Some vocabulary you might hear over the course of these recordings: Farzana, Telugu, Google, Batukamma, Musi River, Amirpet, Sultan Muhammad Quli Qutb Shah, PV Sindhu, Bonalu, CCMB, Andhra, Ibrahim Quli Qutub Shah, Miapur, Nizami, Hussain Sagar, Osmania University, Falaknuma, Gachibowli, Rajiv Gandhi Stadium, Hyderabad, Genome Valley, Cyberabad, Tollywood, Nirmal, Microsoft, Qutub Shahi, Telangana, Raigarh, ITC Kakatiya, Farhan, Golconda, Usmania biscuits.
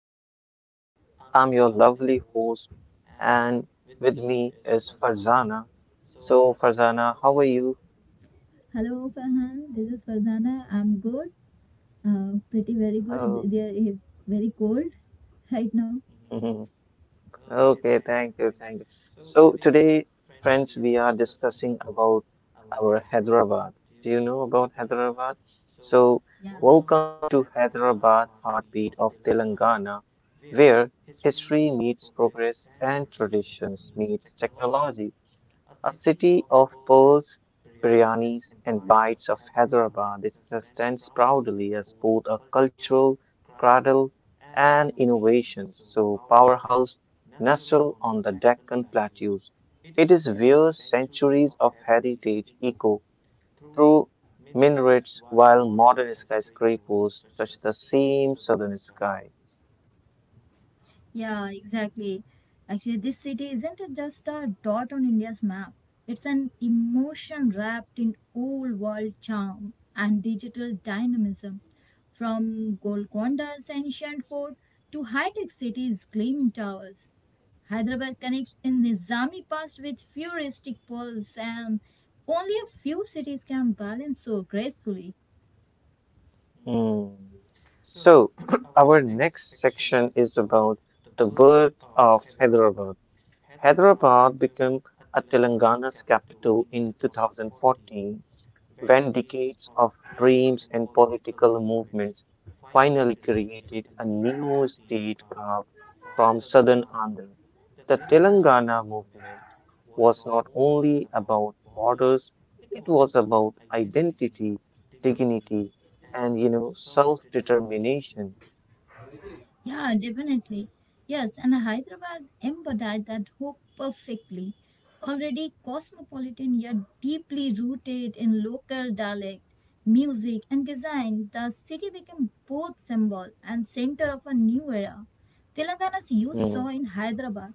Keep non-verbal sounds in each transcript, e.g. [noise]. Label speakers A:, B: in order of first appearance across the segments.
A: is me, Farhan. I'm your lovely host, and with me is Farzana. So, Farzana, how are you?
B: Hello, Farhan. This is Farzana. I'm good. Pretty very good.
A: Oh,
B: It's, there is very cold [laughs] right now.
A: [laughs] okay, thank you, thank you. So, today, friends, we are discussing about our Hyderabad. Do you know about Hyderabad? So,
B: Yeah.
A: welcome to Hyderabad, heartbeat of Telangana, where history meets progress and traditions meets technology. A city of pearls, biryanis, and bites of Hyderabad, it stands proudly as both a cultural cradle and innovation so powerhouse nestled on the Deccan plateaus. It is where centuries of heritage echo through minarets while modern skyscrapers touch the same southern sky.
B: Yeah, exactly. Actually, this city isn't a- just a dot on India's map. It's an emotion wrapped in old world charm and digital dynamism. From Golconda's ancient fort to high tech cities' gleaming towers, Hyderabad connects in Nizami past with futuristic pearls, and only a few cities can balance so gracefully.
A: Hmm. So, [clears throat] our next section is about the birth of Hyderabad. Hyderabad became a Telangana's capital in 2014 when decades of dreams and political movements finally created a new state carved from southern Andhra. The Telangana movement was not only about borders, it was about identity, dignity, and self-determination.
B: Yeah, definitely. Yes, and Hyderabad embodied that hope perfectly. Already cosmopolitan yet deeply rooted in local dialect, music, and design, the city became both symbol and center of a new era. Telangana's youth
A: Mm,
B: saw in Hyderabad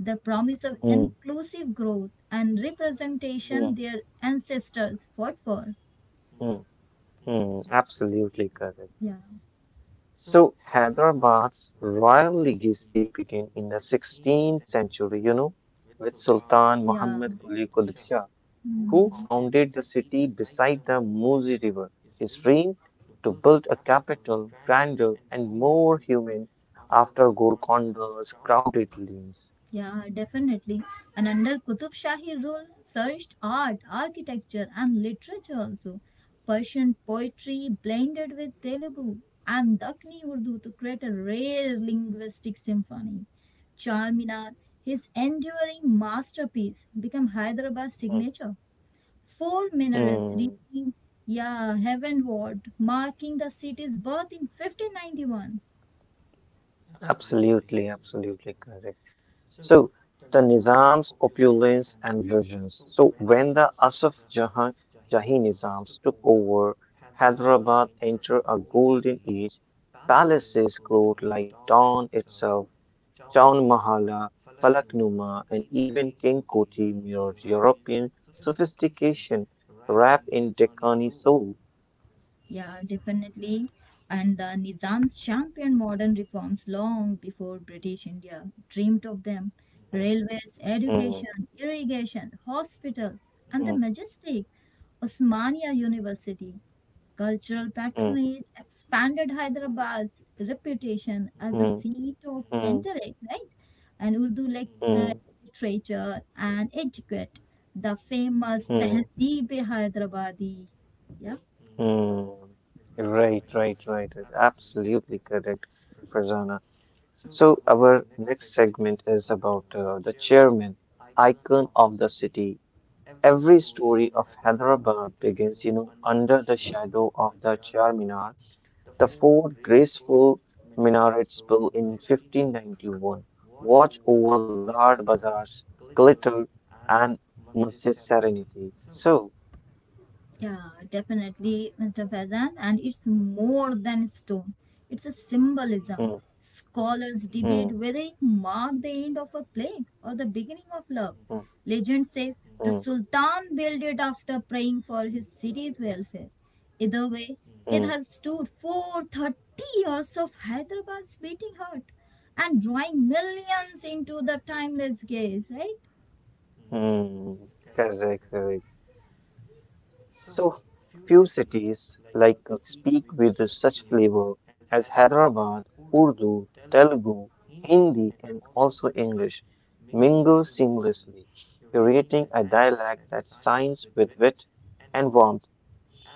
B: the promise of
A: mm,
B: inclusive growth and
A: mm,
B: representation their ancestors fought for.
A: mm, mm, absolutely correct.
B: Yeah,
A: So Hyderabad's royal legacy began in the 16th century, with Sultan
B: yeah.
A: Muhammad Quli Qutb Shah, who
B: Mhm.
A: founded the city beside the Musi River. His dream to build a capital grander and more human after Golconda's crowded lanes.
B: Yeah, definitely. And under Qutub Shahi rule flourished art, architecture, and literature also. Persian poetry blended with Telugu and Dakni Urdu to create a rare linguistic symphony. Charminar, his enduring masterpiece, became Hyderabad's
A: Mm,
B: signature. Four minarets
A: mm,
B: reaching, yeah, heavenward, marking the city's birth in 1591.
A: absolutely, absolutely correct. So the Nizam's opulence and visions. So when the Asaf Jahan Jahi Nizams took over, Hyderabad entered a golden age. Palaces glowed like dawn itself. Chaun Mahala, Falaknuma, and even King Koti mirrored European sophistication wrapped in Deccani soul.
B: Yeah, definitely. And the Nizams championed modern reforms long before British India dreamed of them. Railways,
A: Mm,
B: education, irrigation, hospitals, and the
A: mm,
B: majestic Osmania University. Cultural
A: mm,
B: patronage expanded Hyderabad's reputation as a
A: mm,
B: seat of
A: mm,
B: intellect, right? And uh,
A: mm,
B: literature and etiquette. The famous
A: mm,
B: Tehzeeb-e-Hyderabadi. Yeah.
A: mm, right, right, right, right. Absolutely correct, Farzana. So our next segment is about the chairman, icon of the city. Every story of Hyderabad begins, under the shadow of the Char Minar, the four graceful minarets built in 1591, watch over large bazaars, glitter, and Masjid Serenity. So,
B: Yeah, definitely, Mr. Faizan. And it's more than stone, it's a symbolism.
A: mm,
B: Scholars
A: mm,
B: debate whether it marked the end of a plague or the beginning of love.
A: mm,
B: Legend says the
A: mm,
B: Sultan built it after praying for his city's welfare. Either way, it
A: mm.
B: has stood for 30 years of Hyderabad's beating heart and drawing millions into the timeless gaze, right?
A: Mm, correct, correct. So few cities like speak with such flavor as Hyderabad, Urdu, Telugu, Hindi, and also English mingle seamlessly, creating a dialect that shines with wit and warmth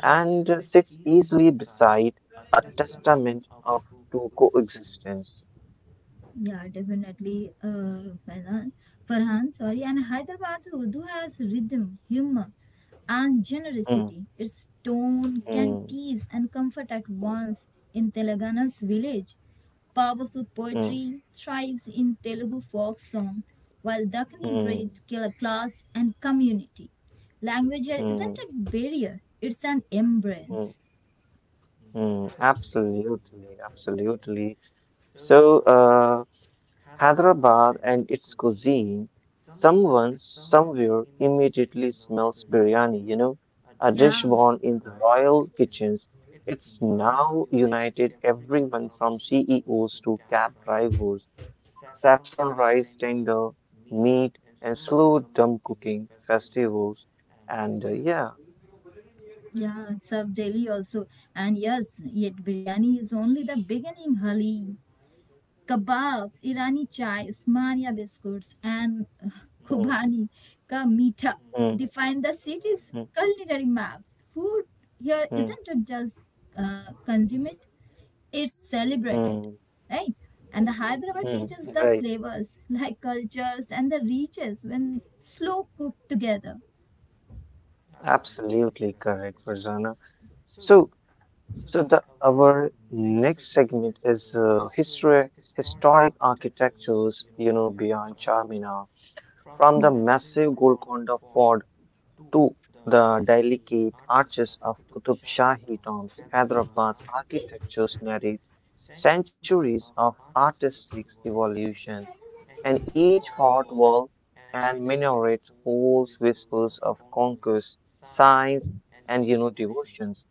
A: and sits easily beside a testament of to coexistence.
B: Yeah, definitely, Farhan. Farhan, sorry. And Hyderabad Urdu has rhythm, humor, and
A: Mm,
B: generosity. Its tone can
A: mm,
B: tease and comfort at once in Telangana's village. Powerful
A: mm,
B: poetry thrives in Telugu folk song, while Dakni
A: mm,
B: breeds killer class and community. Language here isn't
A: mm,
B: a barrier, it's an
A: mm.
B: embrace.
A: Mm, absolutely, absolutely. So, Hyderabad and its cuisine, someone somewhere immediately smells biryani, a dish
B: Yeah.
A: born in the royal kitchens. It's now united everyone from CEOs to cab drivers. Saffron rice tender, meat, and slow dumb cooking festivals. And yeah,
B: Yeah, Sub Delhi also. And yes, yet biryani is only the beginning, Hali. Kebabs, Irani chai, Usmania biscuits, and
A: mm,
B: Khubani ka meetha
A: mm,
B: define the city's
A: mm,
B: culinary maps. Food here
A: mm,
B: isn't it just consume it's celebrated,
A: mm,
B: right? And the Hyderabad
A: mm,
B: teaches the
A: right.
B: flavors like cultures and the reaches when slow cooked together.
A: Absolutely correct, Farzana. So, so the our next segment is history, historic architectures. Beyond Charminar, from the massive Golconda Fort to the delicate arches of Qutub Shahi tombs, Hyderabad's architectures narrate centuries of artistic evolution and each fort wall and minaret holds whispers of conquest, signs, and devotions.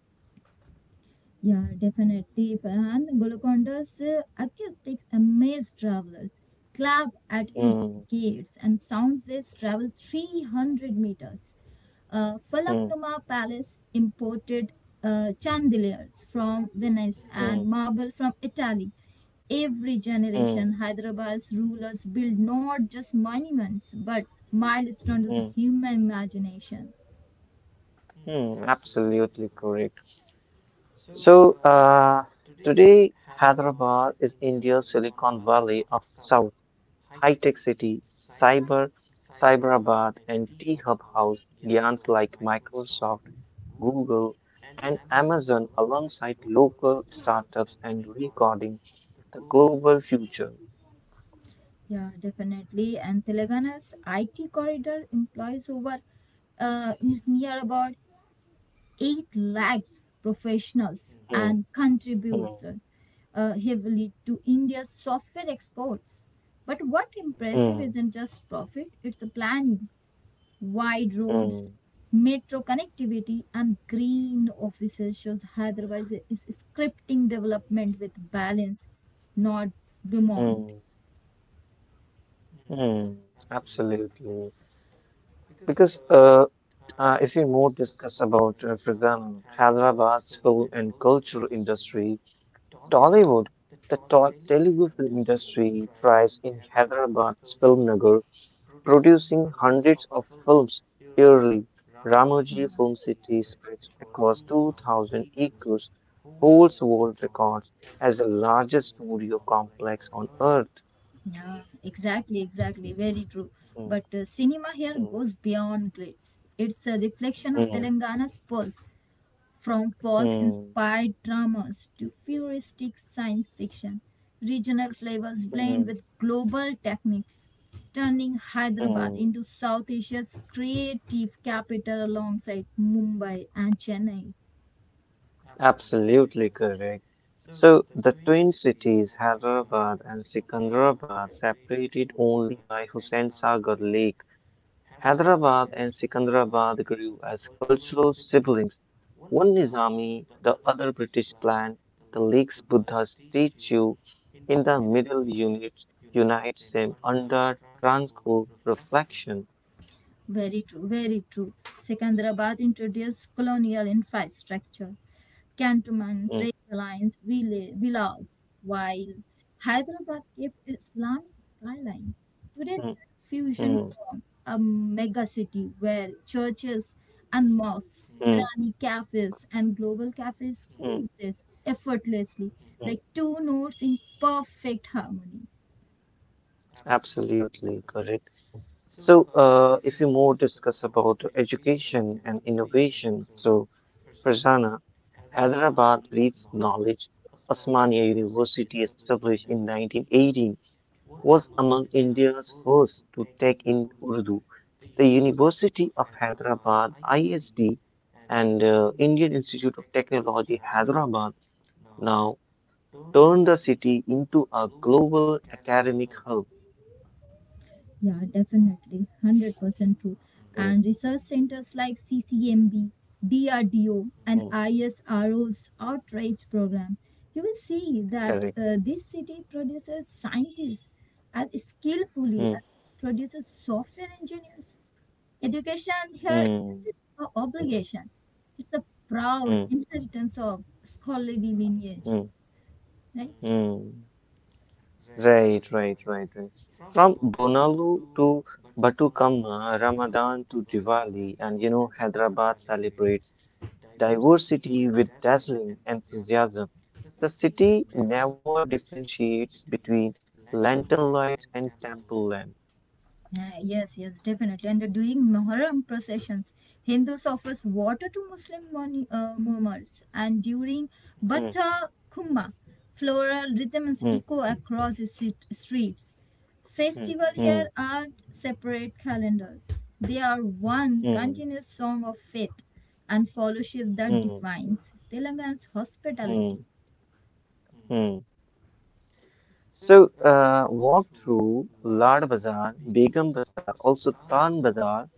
B: Yeah, definitely. And Golconda's acoustics amaze travelers. Clap at its
A: Mm,
B: gates and sound waves travel 300 meters.
A: mm,
B: Falaknuma Palace imported chandeliers from Venice and
A: mm,
B: marble from Italy. Every
A: mm,
B: generation, Hyderabad's rulers build not just monuments but milestones of
A: mm,
B: human imagination.
A: mm, absolutely correct. So today, Hyderabad is India's Silicon Valley of South. High Tech City, Cyber, Cyberabad, and T Hub House giants like Microsoft, Google, and Amazon alongside local startups and recording the global future.
B: Yeah, definitely. And Telangana's IT corridor employs over is near about 8 lakhs professionals
A: Hmm,
B: and
A: hmm,
B: contributes heavily to India's software exports. But what impressive
A: hmm,
B: isn't just profit, it's the planning, wide roads,
A: hmm,
B: metro connectivity, and green offices shows Hyderabad is scripting development with balance, not demand.
A: hmm, hmm. Absolutely. Because if we more discuss about Faizan, Hyderabad's film and cultural industry, Tollywood, Telugu film industry, thrives in Hyderabad's film nagar, producing hundreds of films yearly. Ramoji Film City spreads across 2,000 acres, holds world records as the largest studio complex on earth.
B: Yeah, exactly, exactly. Very true.
A: Mm,
B: But cinema here
A: mm,
B: goes beyond grades. It's a reflection of
A: mm,
B: Telangana's pulse, from folk-inspired dramas to futuristic science fiction. Regional flavors
A: mm, mm,
B: blend with global techniques, turning Hyderabad
A: mm.
B: into South Asia's creative capital alongside Mumbai and Chennai.
A: Absolutely correct. So the twin cities, Hyderabad and Secunderabad, separated only by Hussain Sagar Lake. Hyderabad and Secunderabad grew as cultural siblings, one Nizami, the other British planned. The lake's Buddha statue in the middle unit unites them under tranquil reflection.
B: Very true, very true. Secunderabad introduced colonial infrastructure, cantonments,
A: Mm,
B: railway lines, villas, while Hyderabad kept its Islamic skyline. Today, they
A: mm,
B: are a fusion
A: mm,
B: form, a megacity where churches and mosques,
A: mm,
B: Irani cafes, and global cafes
A: mm,
B: coexist effortlessly, like
A: mm.
B: two notes in perfect harmony.
A: Absolutely correct. So, if you more discuss about education and innovation, so Farzana, Hyderabad leads knowledge. Osmania University, established in 1918, was among India's first to take in Urdu. The University of Hyderabad, ISB, and Indian Institute of Technology, Hyderabad, now turn the city into a global academic hub.
B: Yeah, definitely. 100% true.
A: Mm,
B: And research centers like CCMB, DRDO, and
A: mm,
B: ISRO's outreach program, you will see that
A: correct.
B: this city produces scientists as skillfully
A: Mm,
B: as it produces software engineers. Education here
A: mm,
B: isn't an obligation, it's a proud
A: mm.
B: inheritance of scholarly lineage,
A: Mm,
B: right?
A: mm. Right, right, right, right. From Bonalu to Batukamma, Ramadan to Diwali, and Hyderabad celebrates diversity with dazzling enthusiasm. The city never differentiates between lantern lights and temple lamp.
B: Yes, yes, definitely. And during Muharram processions. Hindus offers water to mummers. And during
A: Mm,
B: Bhatta Kumma, floral rhythms
A: mm,
B: echo across the streets.
A: mm,
B: Festival
A: mm,
B: here are separate calendars. They are one
A: mm,
B: continuous song of faith and fellowship that
A: mm,
B: defines Telangana's hospitality.
A: mm, mm. So, walk through Lard Bazaar, Begum Bazaar, also Tan Bazaar.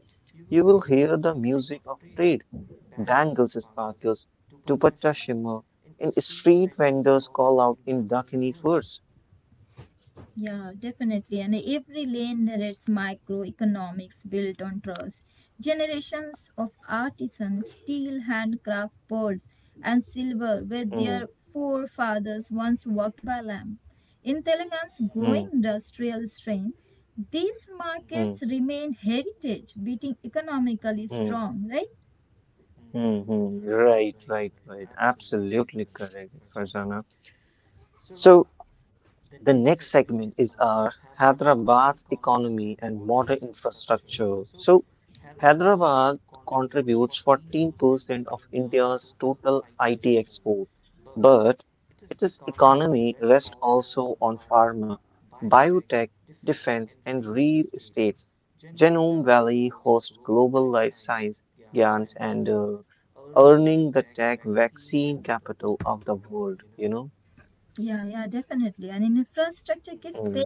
A: You will hear the music of trade, bangles sparkles, dupatta shimmer, and street vendors call out in Dakini verse.
B: Yeah, definitely. And every lane narrates microeconomics built on trust. Generations of artisans still handcraft pearls and silver where
A: Hmm,
B: their forefathers once worked by lamp. In Telangana's
A: hmm,
B: growing industrial strength, these
A: hmm,
B: markets remain heritage, beating economically
A: hmm,
B: strong, right?
A: hmm, hmm. Right, right, right. Absolutely correct, Farzana. So, the next segment is our Hyderabad's economy and modern infrastructure. So, Hyderabad contributes 14% of India's total IT export, but its economy rests also on pharma, biotech, defense, and real estate. Genome Valley hosts global life science giants and earning the tech vaccine capital of the world.
B: Yeah, yeah, definitely. And in infrastructure gives pace.
A: Mm,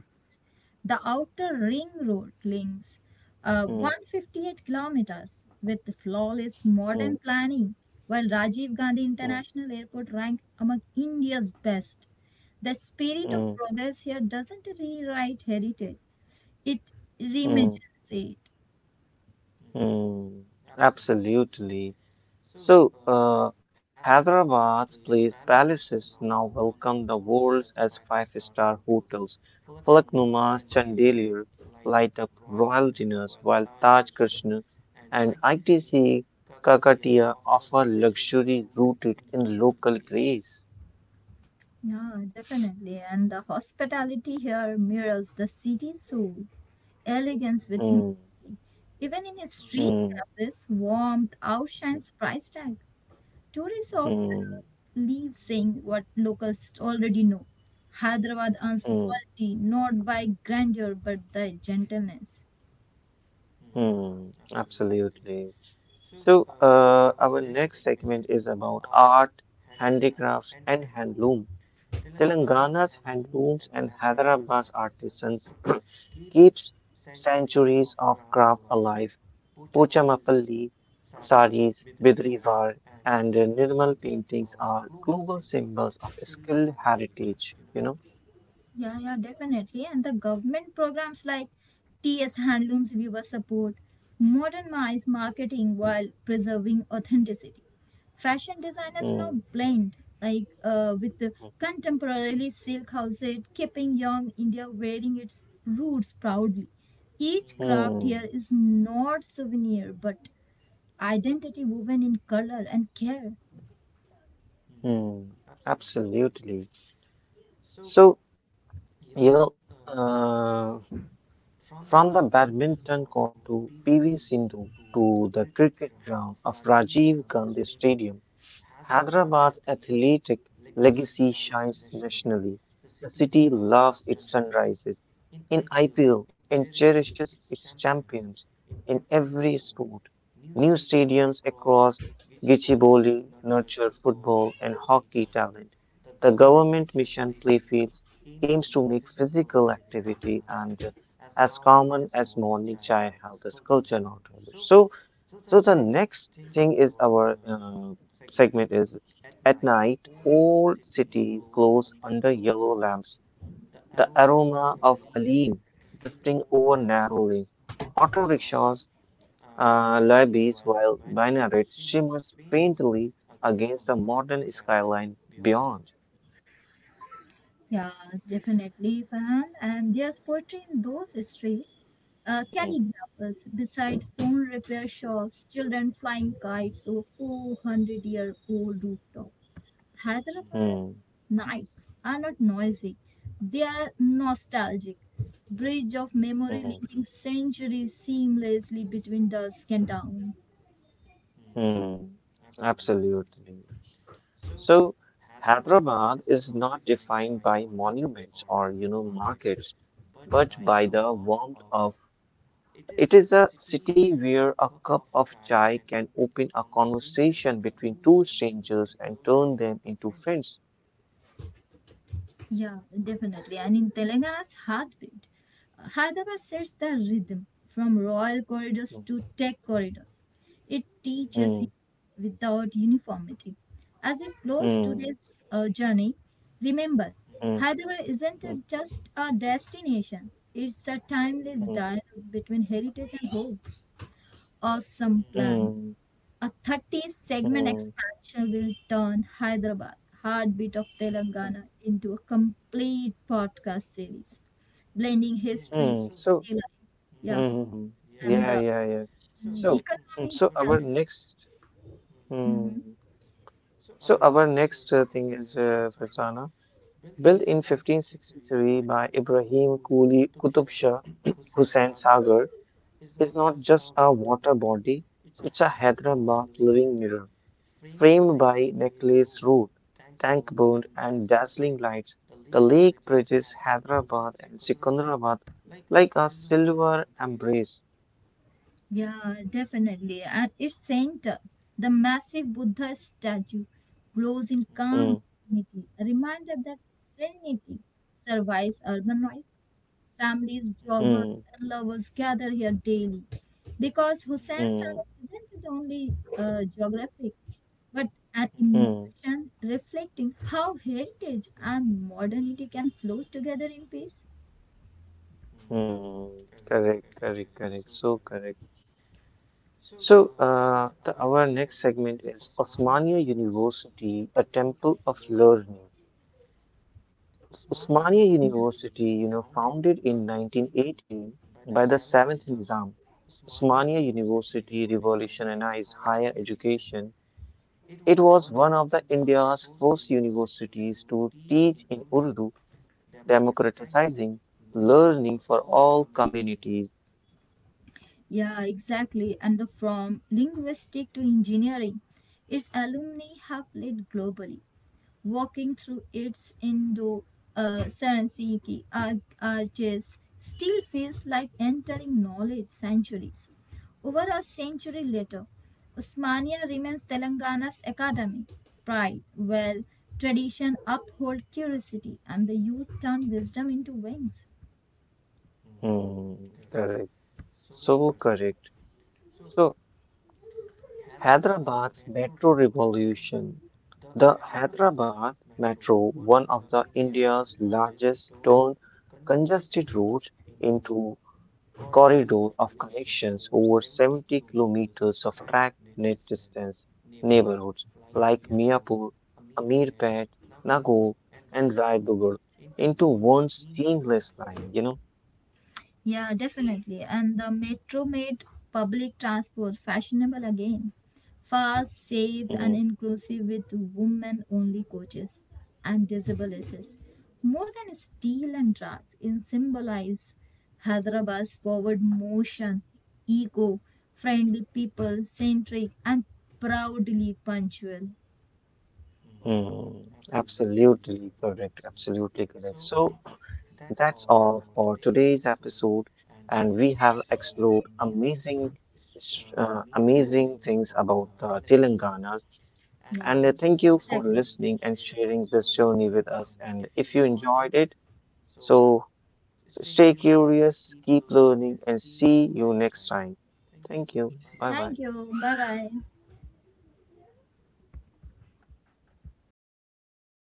B: The outer ring road links
A: mm,
B: 158 kilometers with flawless modern
A: mm,
B: planning, while Rajiv Gandhi
A: mm.
B: International Airport ranked among India's best. The spirit of
A: Mm,
B: progress here doesn't rewrite heritage, it
A: mm,
B: reimagines it.
A: mm. Absolutely. So, Hyderabad's place palaces now welcome the world as five-star hotels. Falaknuma's chandelier light up royal dinners, while Taj Krishna and ITC Kakatiya offer luxury rooted in local grace.
B: Yeah, definitely. And the hospitality here mirrors the city soul, elegance with humility.
A: Mm,
B: Even in street
A: mm,
B: cafes, warmth
A: mm,
B: outshines price tag. Tourists often
A: mm,
B: leave saying what locals already know. Hyderabad earns
A: mm,
B: loyalty not by grandeur but by gentleness.
A: mm. Absolutely. So, our next segment is about art, handicrafts, and handloom. Telangana's handlooms and Hyderabad's artisans [clears throat] keeps centuries of craft alive. Pochamappalli saris, bidrivar, and Nirmal paintings are global symbols of skilled heritage.
B: Yeah, yeah, definitely. And the government programs like TS Handlooms Viewer Support modernize marketing while preserving authenticity. Fashion designers now
A: Hmm.
B: blend like with the contemporary silk outfit, keeping young India wearing its roots proudly.
A: Hmm.
B: Each craft
A: Hmm.
B: here is not souvenir but identity woven in color and care.
A: Hmm. Absolutely. So, you know, uh, from the badminton court to PV Sindhu to the cricket ground of Rajiv Gandhi Stadium. Hyderabad's athletic legacy shines nationally. The city loves its sunrises in IPL and cherishes its champions in every sport. New stadiums across Gachibowli nurture football and hockey talent. The government mission Playfields aims to make physical activity and as common as morning chai have this culture not habit. So the next thing is our segment is at night, old city glows under yellow lamps, the aroma of Halim drifting over narrow lanes, auto rickshaws lobbies while minaret shimmers faintly against the modern skyline beyond.
B: Yeah, definitely, Farhan. And there's poetry in those streets.
A: Hmm,
B: Calligraphers beside phone repair shops, children flying kites over 400-year-old rooftops. Hyderabad
A: hmm,
B: nights are not noisy. They are nostalgic. Bridge of memory
A: hmm,
B: linking centuries seamlessly between dusk and dawn.
A: hmm. Absolutely. So Hyderabad is not defined by monuments or markets, but by the warmth of it is a city where a cup of chai can open a conversation between two strangers and turn them into friends.
B: Yeah, definitely. And in Telangana's heartbeat, Hyderabad sets the rhythm from royal corridors
A: Mm,
B: to tech corridors. It teaches
A: mm,
B: you without uniformity. As we close
A: mm,
B: today's journey, remember Hyderabad isn't a-
A: mm,
B: just a destination, it's a timeless
A: mm,
B: dialogue between heritage and hope. Awesome
A: mm,
B: plan.
A: mm,
B: A 30 segment
A: mm,
B: expansion will turn Hyderabad, heartbeat of
A: mm,
B: Telangana, into a complete podcast series, blending history,
A: mm. So,
B: city life, yeah,
A: mm,
B: and
A: yeah,
B: the
A: yeah, yeah. So, mm,
B: economy.
A: so
B: Yeah.
A: our next,
B: Mhm.
A: mm, so our next thing is Fasana. Built in 1563 by Ibrahim Quli Qutub Shah [clears throat] Hussain Sagar, is not just a water body, it's a Hyderabad living mirror. Framed by necklace root, tank burned, and dazzling lights, the lake bridges Hyderabad and Secunderabad like a silver embrace.
B: Yeah, definitely. At its center, the massive Buddha statue glows in calm
A: Mm,
B: dignity, a reminder that serenity survives urban noise. Families, jobbers,
A: mm,
B: and lovers gather here daily because Hussain Sagar
A: mm,
B: isn't only geographic but an
A: mm,
B: emotion reflecting how heritage and modernity can flow together in peace.
A: mm. Correct, correct, correct. So correct. So, the, our next segment is Osmania University, a temple of learning. Osmania University, founded in 1918 by the seventh Nizam, Osmania University revolutionized higher education. It was one of the India's first universities to teach in Urdu, democratizing learning for all communities.
B: Yeah, exactly. And the from linguistic to engineering, its alumni have played globally. Walking through its Indo Sarasiki arches still feels like entering knowledge centuries. Over a century later, Osmania remains Telangana's academic pride, where tradition uphold curiosity and the youth turn wisdom into wings.
A: Hmm, correct. So correct. So. Hyderabad's metro revolution. The Hyderabad Metro, one of the India's largest, turned congested routes into corridor of connections over 70 kilometers of track net distance. Neighborhoods like Miapur, Amirpet, Nagore, and Raigarh into one seamless line.
B: Yeah, definitely. And the metro made public transport fashionable again. Fast, safe, and
A: Hmm,
B: inclusive with women only coaches and disabilities. More than steel and drugs, it symbolize Hyderabad's forward motion, eco, friendly people, centric, and proudly punctual.
A: hmm. Absolutely correct. Absolutely correct. So. That's all for today's episode, and we have explored amazing, amazing things about Telangana.
B: Yeah,
A: And thank you for
B: exactly.
A: listening and sharing this journey with us. And if you enjoyed it, so stay curious, keep learning, and see you next time. Thank you. Bye
B: Thank
A: bye.
B: you. Bye bye.